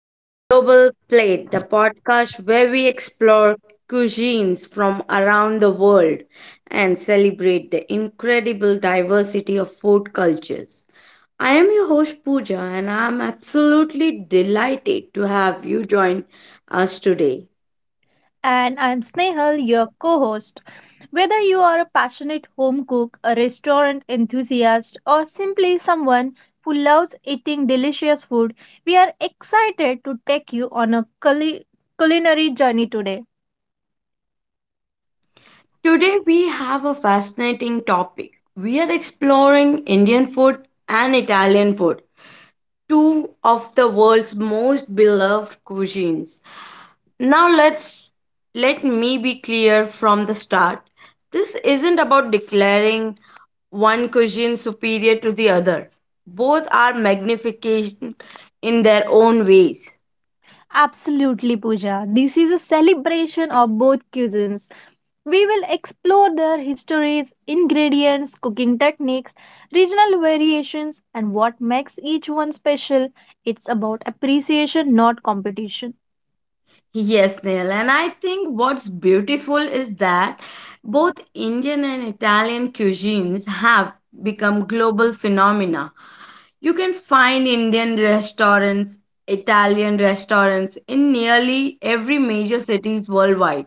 to the Global Plate, the podcast where we explore cuisines from around the world and celebrate the incredible diversity of food cultures. I am your host Pooja and I am absolutely delighted to have you join us today. And I'm Snehal, your co host. Whether you are a passionate home cook, a restaurant enthusiast, or simply someone who loves eating delicious food, we are excited to take you on a culinary journey today. Today we have a fascinating topic. We are exploring Indian food and Italian food, two of the world's most beloved cuisines. Now let's Let me be clear from the start. This isn't about declaring one cuisine superior to the other. Both are magnification in their own ways. Absolutely, Pooja. This is a celebration of both cuisines. We will explore their histories, ingredients, cooking techniques, regional variations, and what makes each one special. It's about appreciation, not competition. Yes, Neil, and I think what's beautiful is that both Indian and Italian cuisines have become global phenomena. You can find Indian restaurants, Italian restaurants in nearly every major cities worldwide.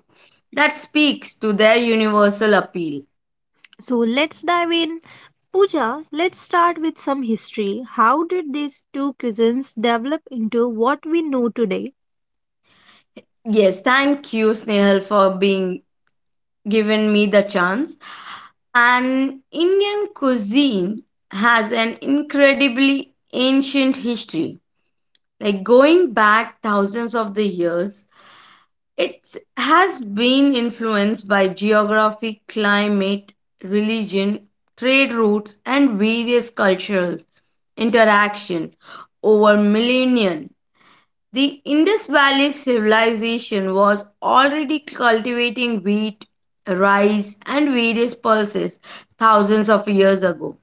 That speaks to their universal appeal. So let's dive in. Pooja, let's start with some history. How did these two cuisines develop into what we know today? Yes, thank you, Snehal, for being given me the chance. And Indian cuisine has an incredibly ancient history, like going back thousands of the years. It has been influenced by geography, climate, religion, trade routes, and various cultural interaction over millennia. The Indus Valley civilization was already cultivating wheat, rice, and various pulses thousands of years ago.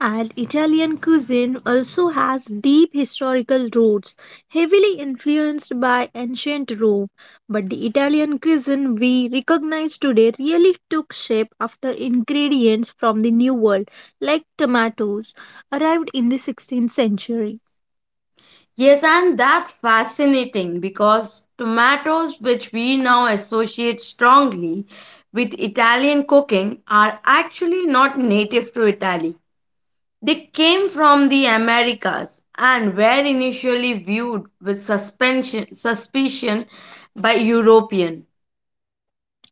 And Italian cuisine also has deep historical roots, heavily influenced by ancient Rome. But the Italian cuisine we recognize today really took shape after ingredients from the New World, like tomatoes, arrived in the 16th century. Yes, and that's fascinating because tomatoes, which we now associate strongly with Italian cooking, are actually not native to Italy. They came from the Americas and were initially viewed with suspicion by European.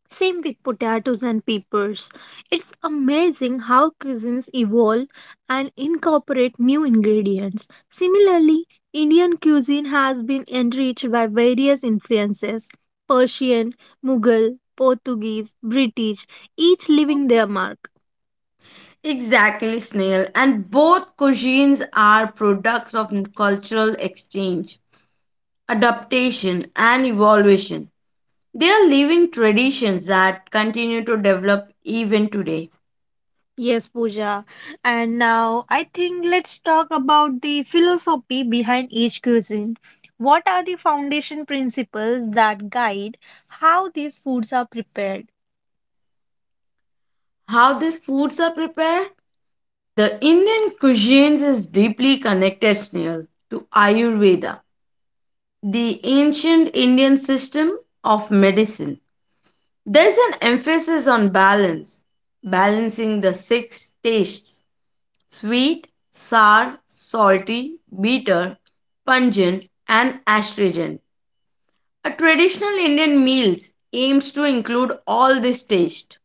Same with potatoes and peppers. It's amazing how cuisines evolve and incorporate new ingredients. Similarly, Indian cuisine has been enriched by various influences: Persian, Mughal, Portuguese, British, each leaving their mark. Exactly, Snail. And both cuisines are products of cultural exchange, adaptation, and evolution. They are living traditions that continue to develop even today. Yes, Pooja. And now I think let's talk about the philosophy behind each cuisine. What are the foundation principles that guide how these foods are prepared? How these foods are prepared? The Indian cuisine is deeply connected, Snail, to Ayurveda, the ancient Indian system of medicine. There's an emphasis on balance, balancing the six tastes: sweet, sour, salty, bitter, pungent, and astringent. A traditional Indian meals aims to include all this taste.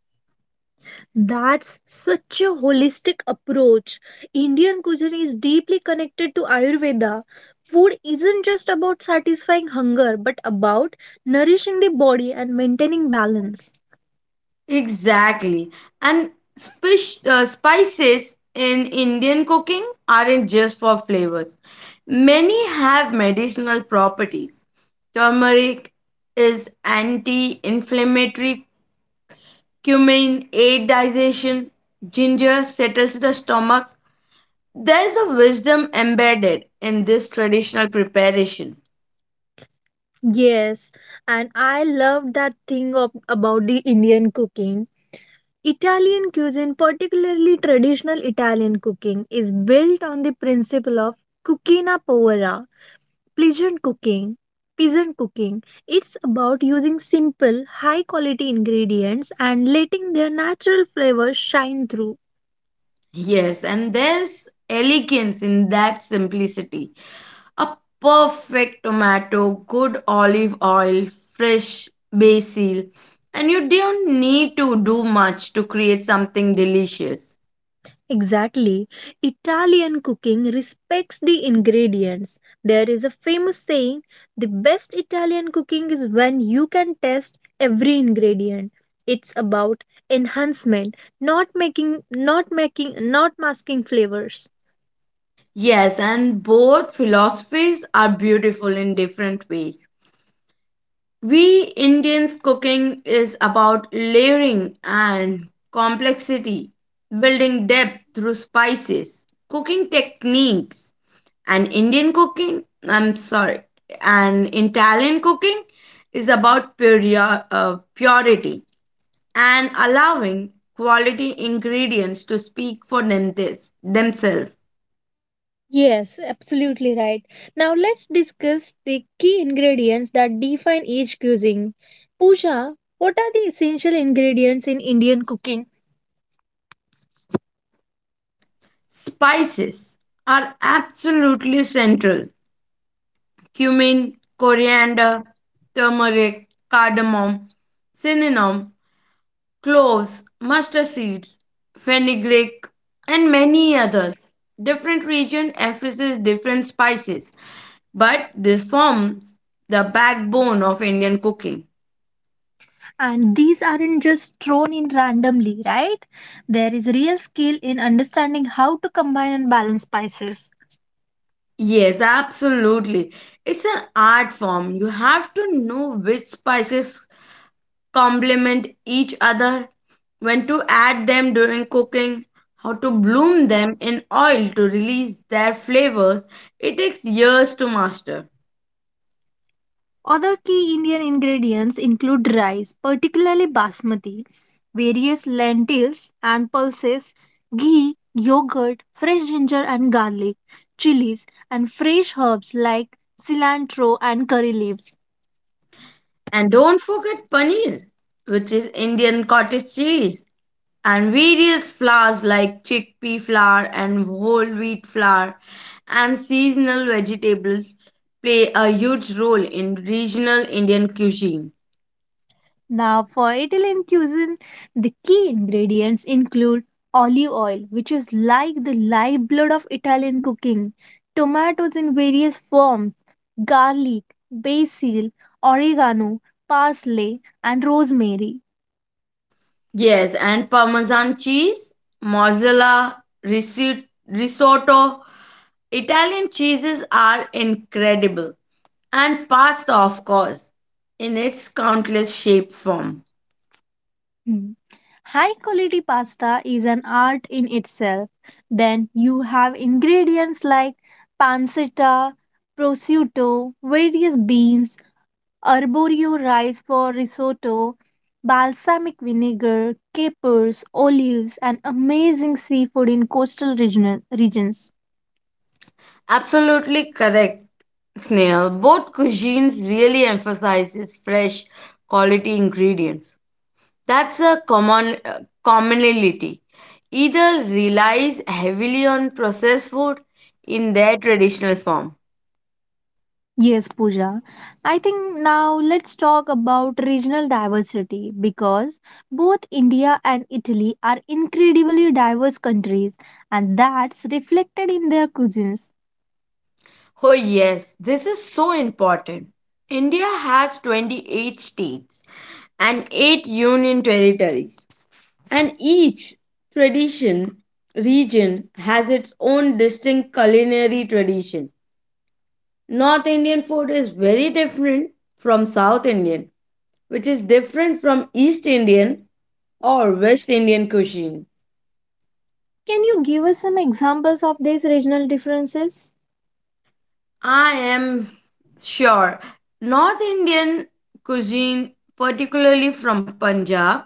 That's such a holistic approach. Indian cuisine is deeply connected to Ayurveda. Food isn't just about satisfying hunger, but about nourishing the body and maintaining balance. Exactly. And spices in Indian cooking aren't just for flavors. Many have medicinal properties. Turmeric is anti-inflammatory, cumin aids digestion, ginger settles the stomach. There's a wisdom embedded in this traditional preparation. Yes, and I love that thing of, about the Indian cooking. Italian cuisine, particularly traditional Italian cooking, is built on the principle of cucina povera. Pleasant cooking. Peasant cooking. It's about using simple, high quality ingredients and letting their natural flavors shine through. Yes, and there's elegance in that simplicity. A perfect tomato, good olive oil, fresh basil, and you don't need to do much to create something delicious. Exactly. Italian cooking respects the ingredients. There is a famous saying: the best Italian cooking is when you can taste every ingredient. It's about enhancement, not making, not making, not masking flavors. Yes, and both philosophies are beautiful in different ways. We Indians cooking is about layering and complexity, building depth through spices, cooking techniques. And Indian cooking, I'm sorry, and Italian cooking is about purity and allowing quality ingredients to speak for themselves. Yes, absolutely right. Now let's discuss the key ingredients that define each cuisine. Pooja, what are the essential ingredients in Indian cooking? Spices are absolutely central: cumin, coriander, turmeric, cardamom, cinnamon, cloves, mustard seeds, fenugreek, and many others. Different region emphasize different spices, but this forms the backbone of Indian cooking. And these aren't just thrown in randomly, right? There is real skill in understanding how to combine and balance spices. Yes, absolutely. It's an art form. You have to know which spices complement each other, when to add them during cooking, how to bloom them in oil to release their flavors. It takes years to master. Other key Indian ingredients include rice, particularly basmati, various lentils and pulses, ghee, yogurt, fresh ginger and garlic, chilies, and fresh herbs like cilantro and curry leaves. And don't forget paneer, which is Indian cottage cheese, and various flours like chickpea flour and whole wheat flour, and seasonal vegetables play a huge role in regional Indian cuisine. Now, for Italian cuisine, the key ingredients include olive oil, which is like the lifeblood of Italian cooking, tomatoes in various forms, garlic, basil, oregano, parsley, and rosemary. Yes, and Parmesan cheese, mozzarella, risotto. Italian cheeses are incredible. And pasta, of course, in its countless shapes form. Hmm. High quality pasta is an art in itself. Then you have ingredients like pancetta, prosciutto, various beans, arborio rice for risotto, balsamic vinegar, capers, olives, and amazing seafood in coastal regional regions. Absolutely correct, Snail. Both cuisines really emphasizes fresh quality ingredients. That's a common commonality. Either relies heavily on processed food in their traditional form. Yes, Pooja. I think now let's talk about regional diversity because both India and Italy are incredibly diverse countries, and that's reflected in their cuisines. Oh, yes, this is so important. India has 28 states and 8 union territories, and each tradition region has its own distinct culinary tradition. North Indian food is very different from South Indian, which is different from East Indian or West Indian cuisine. Can you give us some examples of these regional differences? I am sure. North Indian cuisine, particularly from Punjab,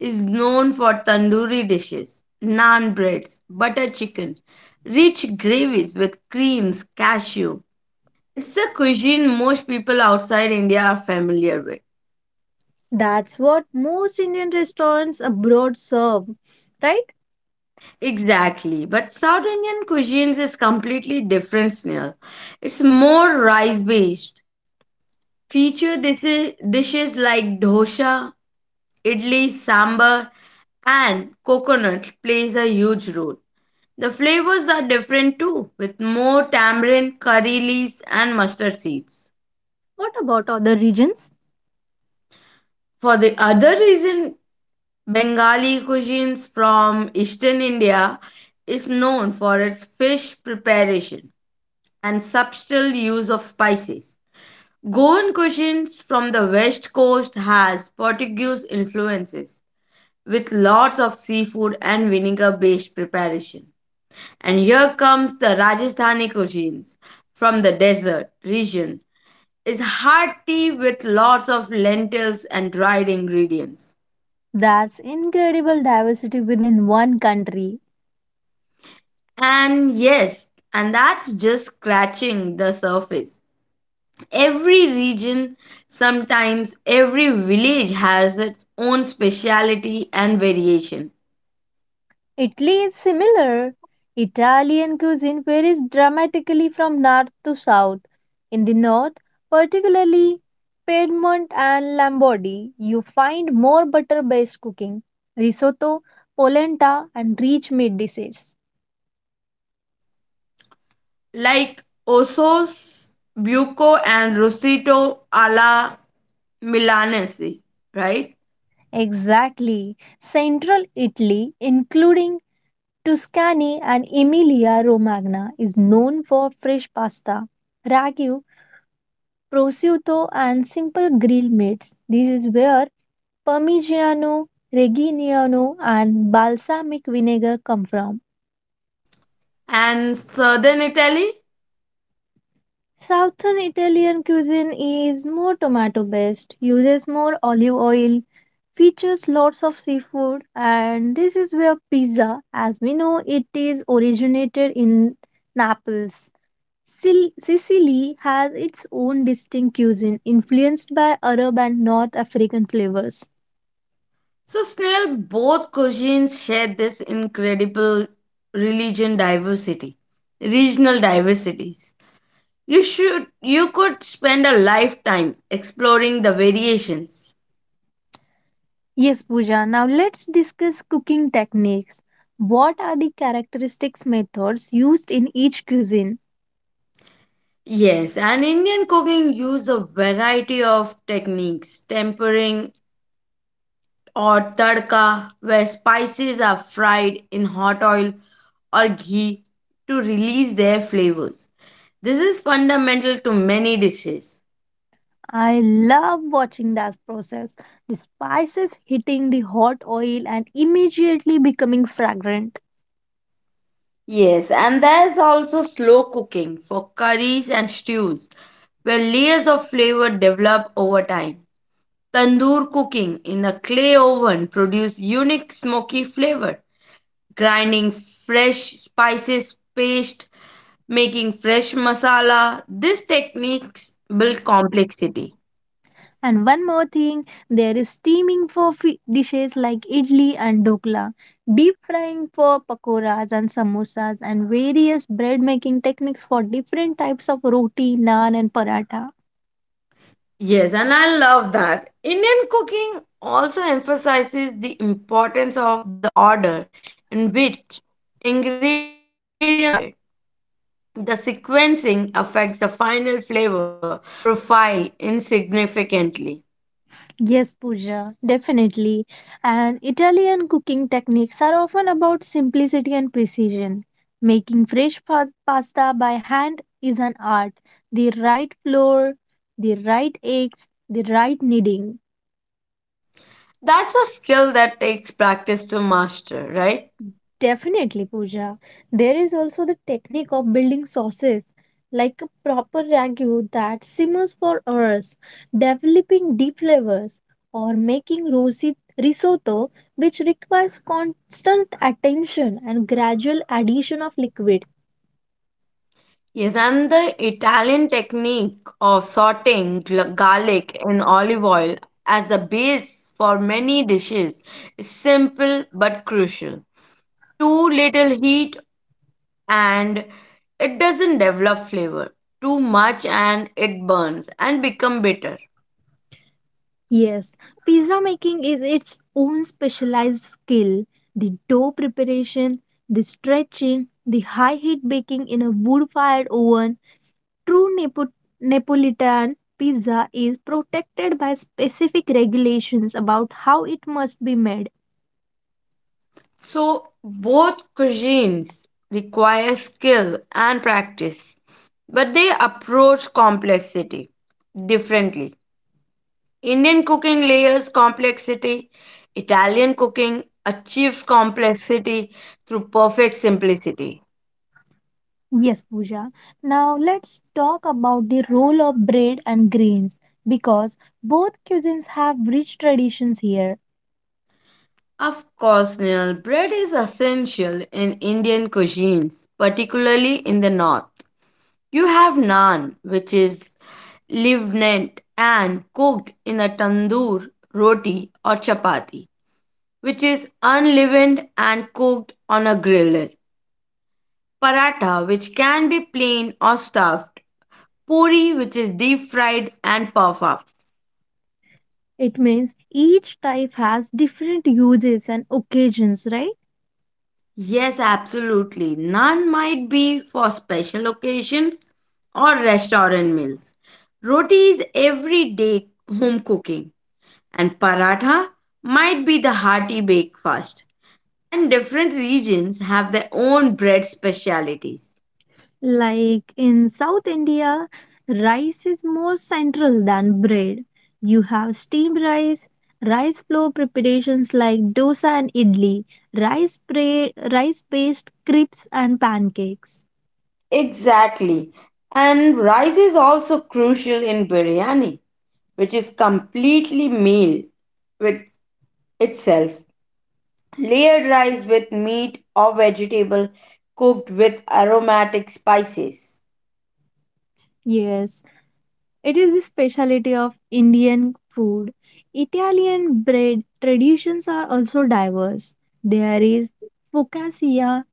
is known for tandoori dishes, naan breads, butter chicken, rich gravies with creams, cashew. It's a cuisine most people outside India are familiar with. That's what most Indian restaurants abroad serve, right? Exactly, but South Indian cuisine is completely different, Snail. It's more rice based. Feature dishes, dishes like dosa, idli, sambar, and coconut plays a huge role. The flavors are different too, with more tamarind, curry leaves, and mustard seeds. What about other regions? For the other reason, Bengali cuisines from eastern India is known for its fish preparation and subtle use of spices. Goan cuisines from the west coast has Portuguese influences with lots of seafood and vinegar based preparation. And here comes the Rajasthani cuisines from the desert region. It's hearty with lots of lentils and dried ingredients. That's incredible diversity within one country. And yes, and that's just scratching the surface. Every region, sometimes every village has its own speciality and variation. Italy is similar. Italian cuisine varies dramatically from north to south. In the north, particularly Piedmont and Lombardy, you find more butter based cooking, risotto, polenta, and rich meat dishes. Like Osos, Buco, and Rosito alla Milanese, right? Exactly. Central Italy, including Tuscany and Emilia Romagna, is known for fresh pasta, ragu, prosciutto, and simple grilled meats. This is where Parmigiano, Reggiano, and balsamic vinegar come from. And southern Italy. Southern Italian cuisine is more tomato based, uses more olive oil, features lots of seafood, and this is where pizza, as we know it, is originated in Naples. Sicily has its own distinct cuisine influenced by Arab and North African flavors. So, snail, both cuisines share this incredible religion diversity, regional diversities. You could spend a lifetime exploring the variations. Yes, Pooja, now let's discuss cooking techniques. What are the characteristic methods used in each cuisine? Yes, and Indian cooking use a variety of techniques, tempering or tadka, where spices are fried in hot oil or ghee to release their flavors. This is fundamental to many dishes. I love watching that process. The spices hitting the hot oil and immediately becoming fragrant. Yes, and there's also slow cooking for curries and stews, where layers of flavor develop over time. Tandoor cooking in a clay oven produces unique smoky flavor. Grinding fresh spices paste, making fresh masala. These techniques build complexity. And one more thing, there is steaming for dishes like idli and dhokla, deep frying for pakoras and samosas, and various bread making techniques for different types of roti, naan, and paratha. Yes, and I love that. Indian cooking also emphasizes the importance of the order in which ingredients are added. The sequencing affects the final flavor profile insignificantly. Yes, Pooja, definitely. And Italian cooking techniques are often about simplicity and precision. Making fresh pasta by hand is an art. The right flour, the right eggs, the right kneading. That's a skill that takes practice to master, right? Definitely, Pooja. There is also the technique of building sauces, like a proper ragu that simmers for hours, developing deep flavors, or making rosy risotto, which requires constant attention and gradual addition of liquid. Yes, and the Italian technique of sauteing garlic in olive oil as the base for many dishes is simple but crucial. Too little heat and it doesn't develop flavor. Too much and it burns and become bitter. Yes, pizza making is its own specialized skill. The dough preparation, the stretching, the high heat baking in a wood fired oven. True Nepo- Neapolitan pizza is protected by specific regulations about how it must be made. So both cuisines require skill and practice, but they approach complexity differently. Indian cooking layers complexity, Italian cooking achieves complexity through perfect simplicity. Yes, Pooja. Now let's talk about the role of bread and grains because both cuisines have rich traditions here. Of course, Nihal, bread is essential in Indian cuisines, particularly in the north. You have naan, which is leavened and cooked in a tandoor, roti, or chapati, which is unleavened and cooked on a grill. Paratha, which can be plain or stuffed, puri, which is deep fried, and puff up. It means each type has different uses and occasions, right? Yes, absolutely. Naan might be for special occasions or restaurant meals. Roti is everyday home cooking, and paratha might be the hearty breakfast. And different regions have their own bread specialities. Like in South India, rice is more central than bread. You have steamed rice, rice flour preparations like dosa and idli, rice based crepes and pancakes. Exactly. And rice is also crucial in biryani, which is completely meal with itself. Layered rice with meat or vegetable cooked with aromatic spices. Yes, it is the specialty of Indian food. Italian bread traditions are also diverse. There is focaccia,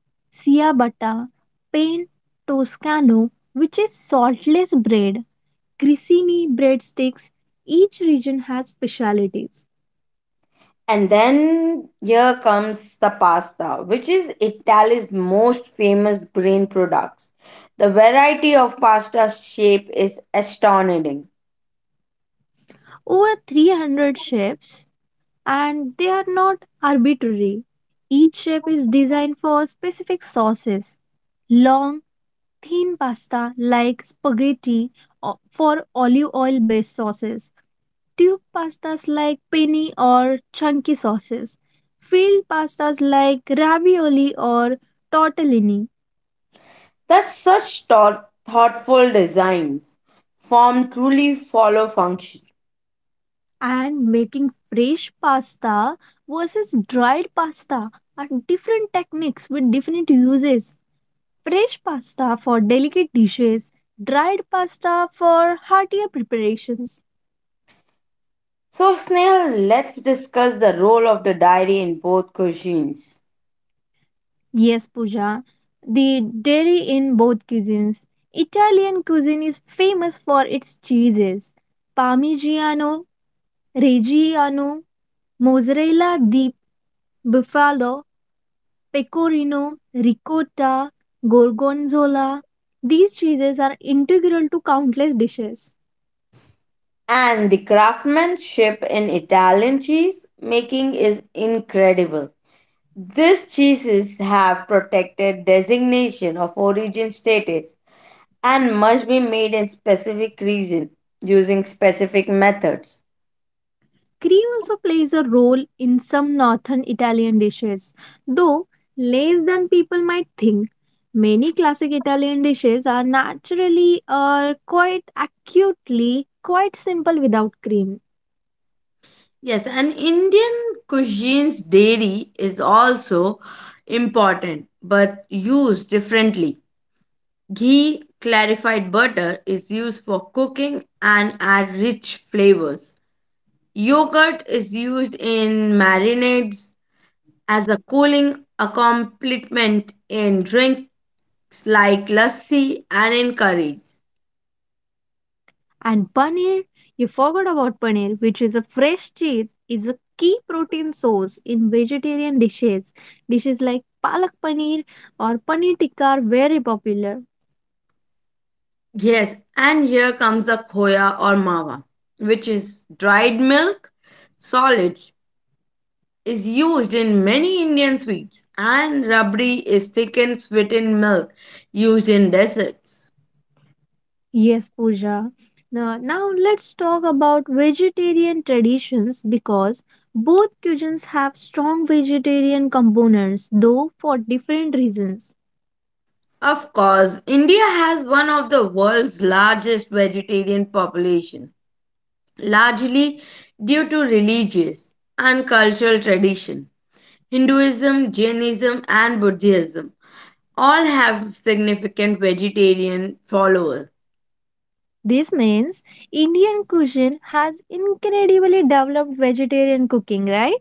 ciabatta, pain toscano, which is saltless bread, Grissini breadsticks, each region has specialities. And then here comes the pasta, which is Italy's most famous grain products. The variety of pasta shape is astonishing. Over 300 shapes, and they are not arbitrary. Each shape is designed for specific sauces. Long, thin pasta like spaghetti for olive oil based sauces. Tube pastas like penne or chunky sauces. Field pastas like ravioli or tortellini. That such thoughtful designs form truly follow function. And making fresh pasta versus dried pasta are different techniques with different uses. Fresh pasta for delicate dishes, dried pasta for heartier preparations. So, Snail, let's discuss the role of the dairy in both cuisines. Yes, Pooja, the dairy in both cuisines. Italian cuisine is famous for its cheeses: Parmigiano, Reggiano, Mozzarella di Buffalo, pecorino, ricotta, gorgonzola. These cheeses are integral to countless dishes. And the craftsmanship in Italian cheese making is incredible. These cheeses have protected designation of origin status and must be made in specific region using specific methods. Cream also plays a role in some northern Italian dishes, though less than people might think. Many classic Italian dishes are naturally or quite acutely quite simple without cream. Yes, and Indian cuisine's dairy is also important but used differently. Ghee, clarified butter, is used for cooking and add rich flavors. Yogurt is used in marinades as a cooling accompaniment in drinks like lassi and in curries. And paneer, you forgot about paneer, which is a fresh cheese, is a key protein source in vegetarian dishes. Dishes like palak paneer or paneer tikka are very popular. Yes, and here comes the khoya or mawa, which is dried milk solids is used in many Indian sweets and rabdi is thickened sweetened milk used in desserts. Yes, Pooja. Now let's talk about vegetarian traditions because both cuisines have strong vegetarian components, though for different reasons. Of course, India has one of the world's largest vegetarian population, largely due to religious and cultural tradition. Hinduism, Jainism, and Buddhism all have significant vegetarian followers. This means Indian cuisine has incredibly developed vegetarian cooking, right?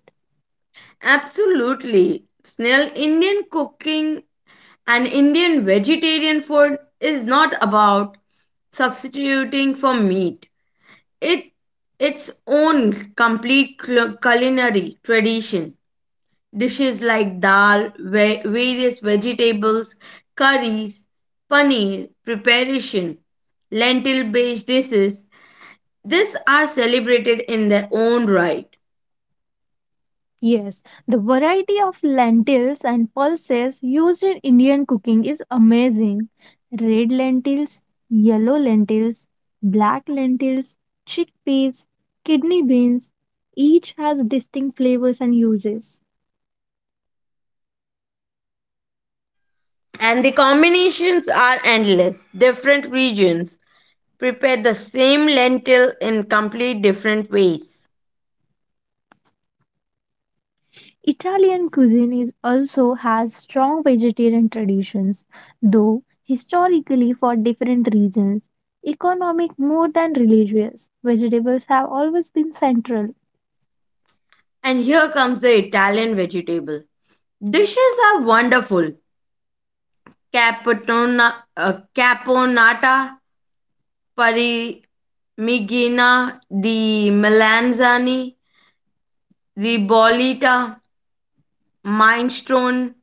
Absolutely. Snell, Indian cooking and Indian vegetarian food is not about substituting for meat. It its own complete culinary tradition. Dishes like dal, various vegetables, curries, paneer preparation, lentil-based dishes. These are celebrated in their own right, Yes, the variety of lentils and pulses used in Indian cooking is amazing. Red lentils, yellow lentils, black lentils, chickpeas, kidney beans, each has distinct flavors and uses. and the combinations are endless. Different regions prepare the same lentil in complete different ways. Italian cuisine is also has strong vegetarian traditions, though historically for different reasons, economic more than religious, vegetables have always been central. And here comes the Italian vegetable. Dishes are wonderful: Caponata, Parmigiana di Melanzani, Ribollita, Minestrone.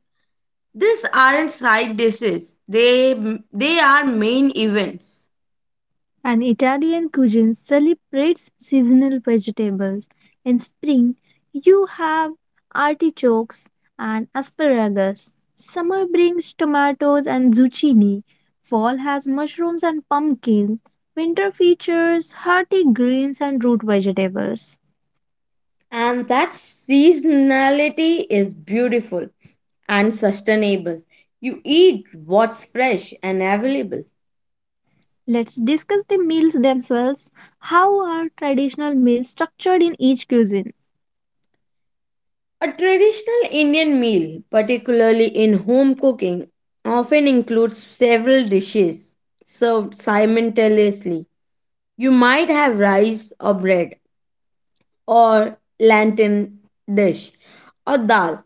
These aren't side dishes. They are main events. And Italian cuisine celebrates seasonal vegetables. In spring, you have artichokes and asparagus. Summer brings tomatoes and zucchini. Fall has mushrooms and pumpkins. Winter features hearty greens and root vegetables. And that seasonality is beautiful and sustainable. You eat what's fresh and available. Let's discuss the meals themselves. How are traditional meals structured in each cuisine? A traditional Indian meal, particularly in home cooking, often includes several dishes served simultaneously. You might have rice or bread, or lantern dish, or dal,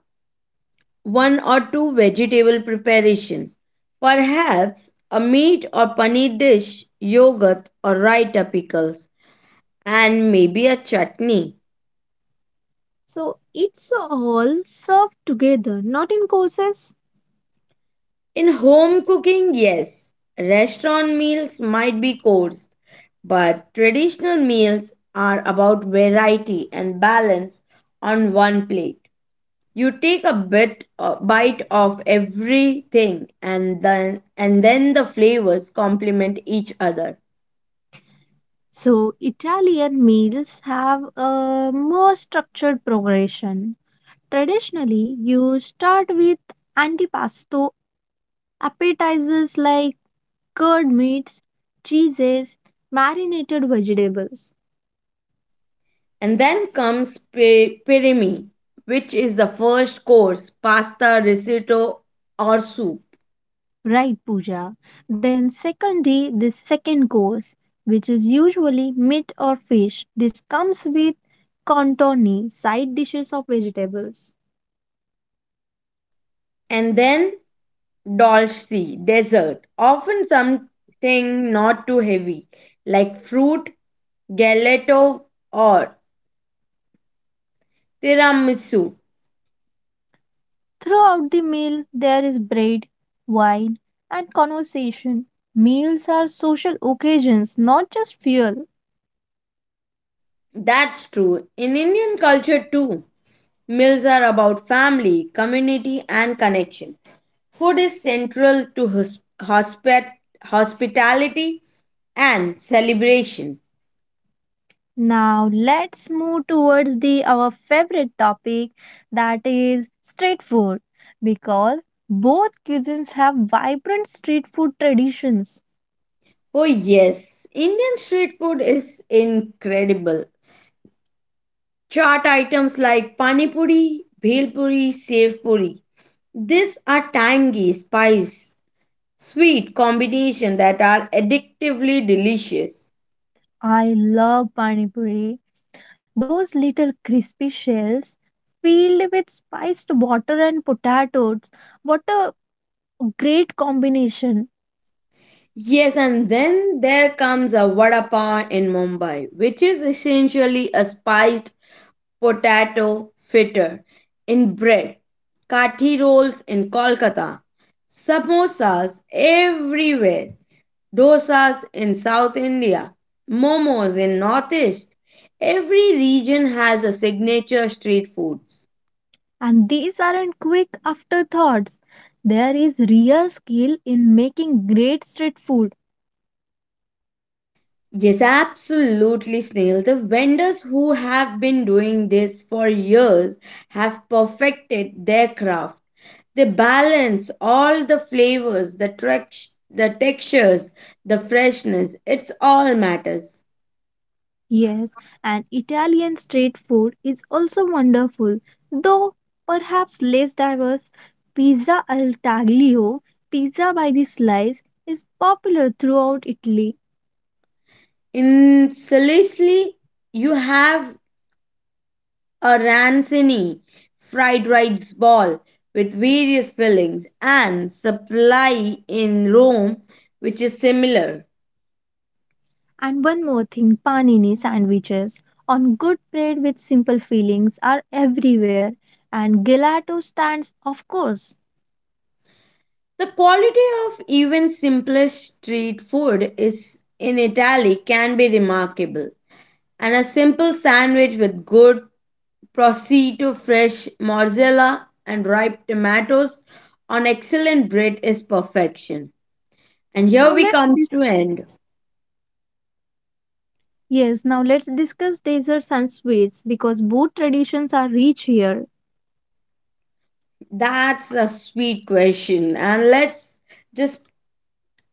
one or two vegetable preparation, perhaps a meat or paneer dish, yogurt or raita pickles, and maybe a chutney. So it's all served together, not in courses. In home cooking, yes, restaurant meals might be coarse, but traditional meals are about variety and balance on one plate. You take a bite of everything and then the flavors complement each other. So, Italian meals have a more structured progression. Traditionally, you start with antipasto, appetizers like curd meats, cheeses, marinated vegetables. And then comes pirimi, which is the first course, pasta, risotto or soup. Right, Pooja. Then, secondly, the second course, which is usually meat or fish. This comes with contorni, side dishes of vegetables. And then Dolce, dessert, often something not too heavy, like fruit, gelato, or tiramisu. Throughout the meal, there is bread, wine, and conversation. Meals are social occasions, not just fuel. That's true. In Indian culture, too, meals are about family, community, and connection. Food is central to hospitality and celebration. Now, let's move towards the our favorite topic, that is street food, because both cuisines have vibrant street food traditions. Oh, yes, Indian street food is incredible. Chaat items like pani puri, bhel puri, sev puri. These are tangy, spice, sweet combination that are addictively delicious. I love pani puri. Those little crispy shells filled with spiced water and potatoes. What a great combination. Yes, and then there comes a vada pav in Mumbai, which is essentially a spiced potato fritter in bread, kathi rolls in Kolkata, samosas everywhere, dosas in South India, momos in Northeast. Every region has a signature street foods. And these aren't quick afterthoughts. There is real skill in making great street food. Yes, absolutely, Snail. The vendors who have been doing this for years have perfected their craft. They balance all the flavors, the textures, the freshness. It's all matters. Yes, and Italian street food is also wonderful, though perhaps less diverse. Pizza al taglio, pizza by the slice, is popular throughout Italy. In Sicily, you have a ranzini fried rice ball with various fillings and supply in Rome, which is similar. And one more thing, panini sandwiches on good bread with simple fillings are everywhere. And gelato stands, of course. The quality of even simplest street food is in Italy can be remarkable. And a simple sandwich with good Prosciutto fresh mozzarella and ripe tomatoes on excellent bread is perfection. And here Now we let's comes to end. Yes, now let's discuss desserts and sweets because both traditions are rich here. That's a sweet question. And let's just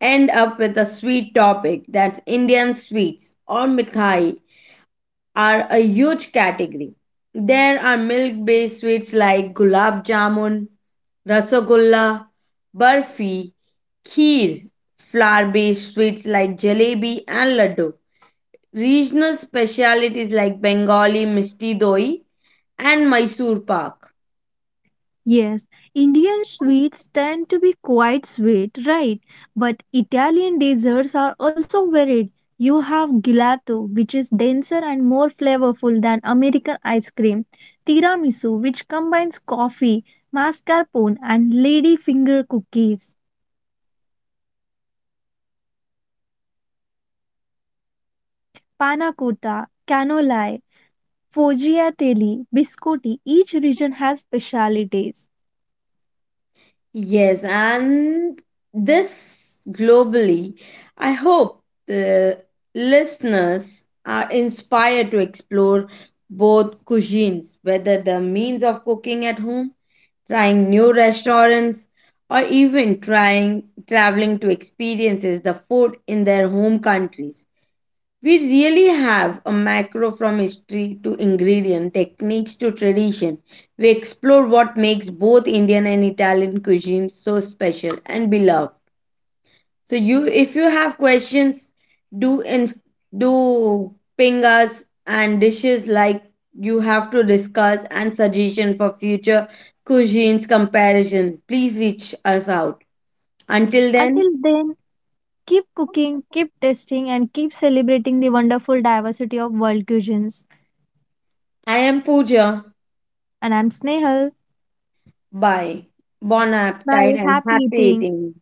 end up with a sweet topic. That's Indian sweets or mithai. Are a huge category. There are milk based sweets like gulab jamun, rasagulla, barfi, kheer, flour based sweets like jalebi and laddu, regional specialities like Bengali misti doi and Mysore pak. Yes, Indian sweets tend to be quite sweet, right? But Italian desserts are also varied. You have gelato, which is denser and more flavorful than American ice cream, tiramisu, which combines coffee, mascarpone, and ladyfinger cookies, panna cotta, cannoli, foggiatelli, biscotti. Each region has specialities. Yes, and this globally, I hope the listeners are inspired to explore both cuisines, whether the means of cooking at home, trying new restaurants, or even trying traveling to experiences the food in their home countries. We really have a macro from history to ingredient, techniques to tradition. We explore what makes both Indian and Italian cuisines so special and beloved. So you if you have questions, do in, do ping us and dishes like you have to discuss and suggestion for future cuisines comparison. Please reach us out. Until then, Until then, keep cooking, keep testing, and keep celebrating the wonderful diversity of world cuisines. I am Pooja. And I'm Snehal. Bye. Bon appetite Bye. and Happy happy eating. eating.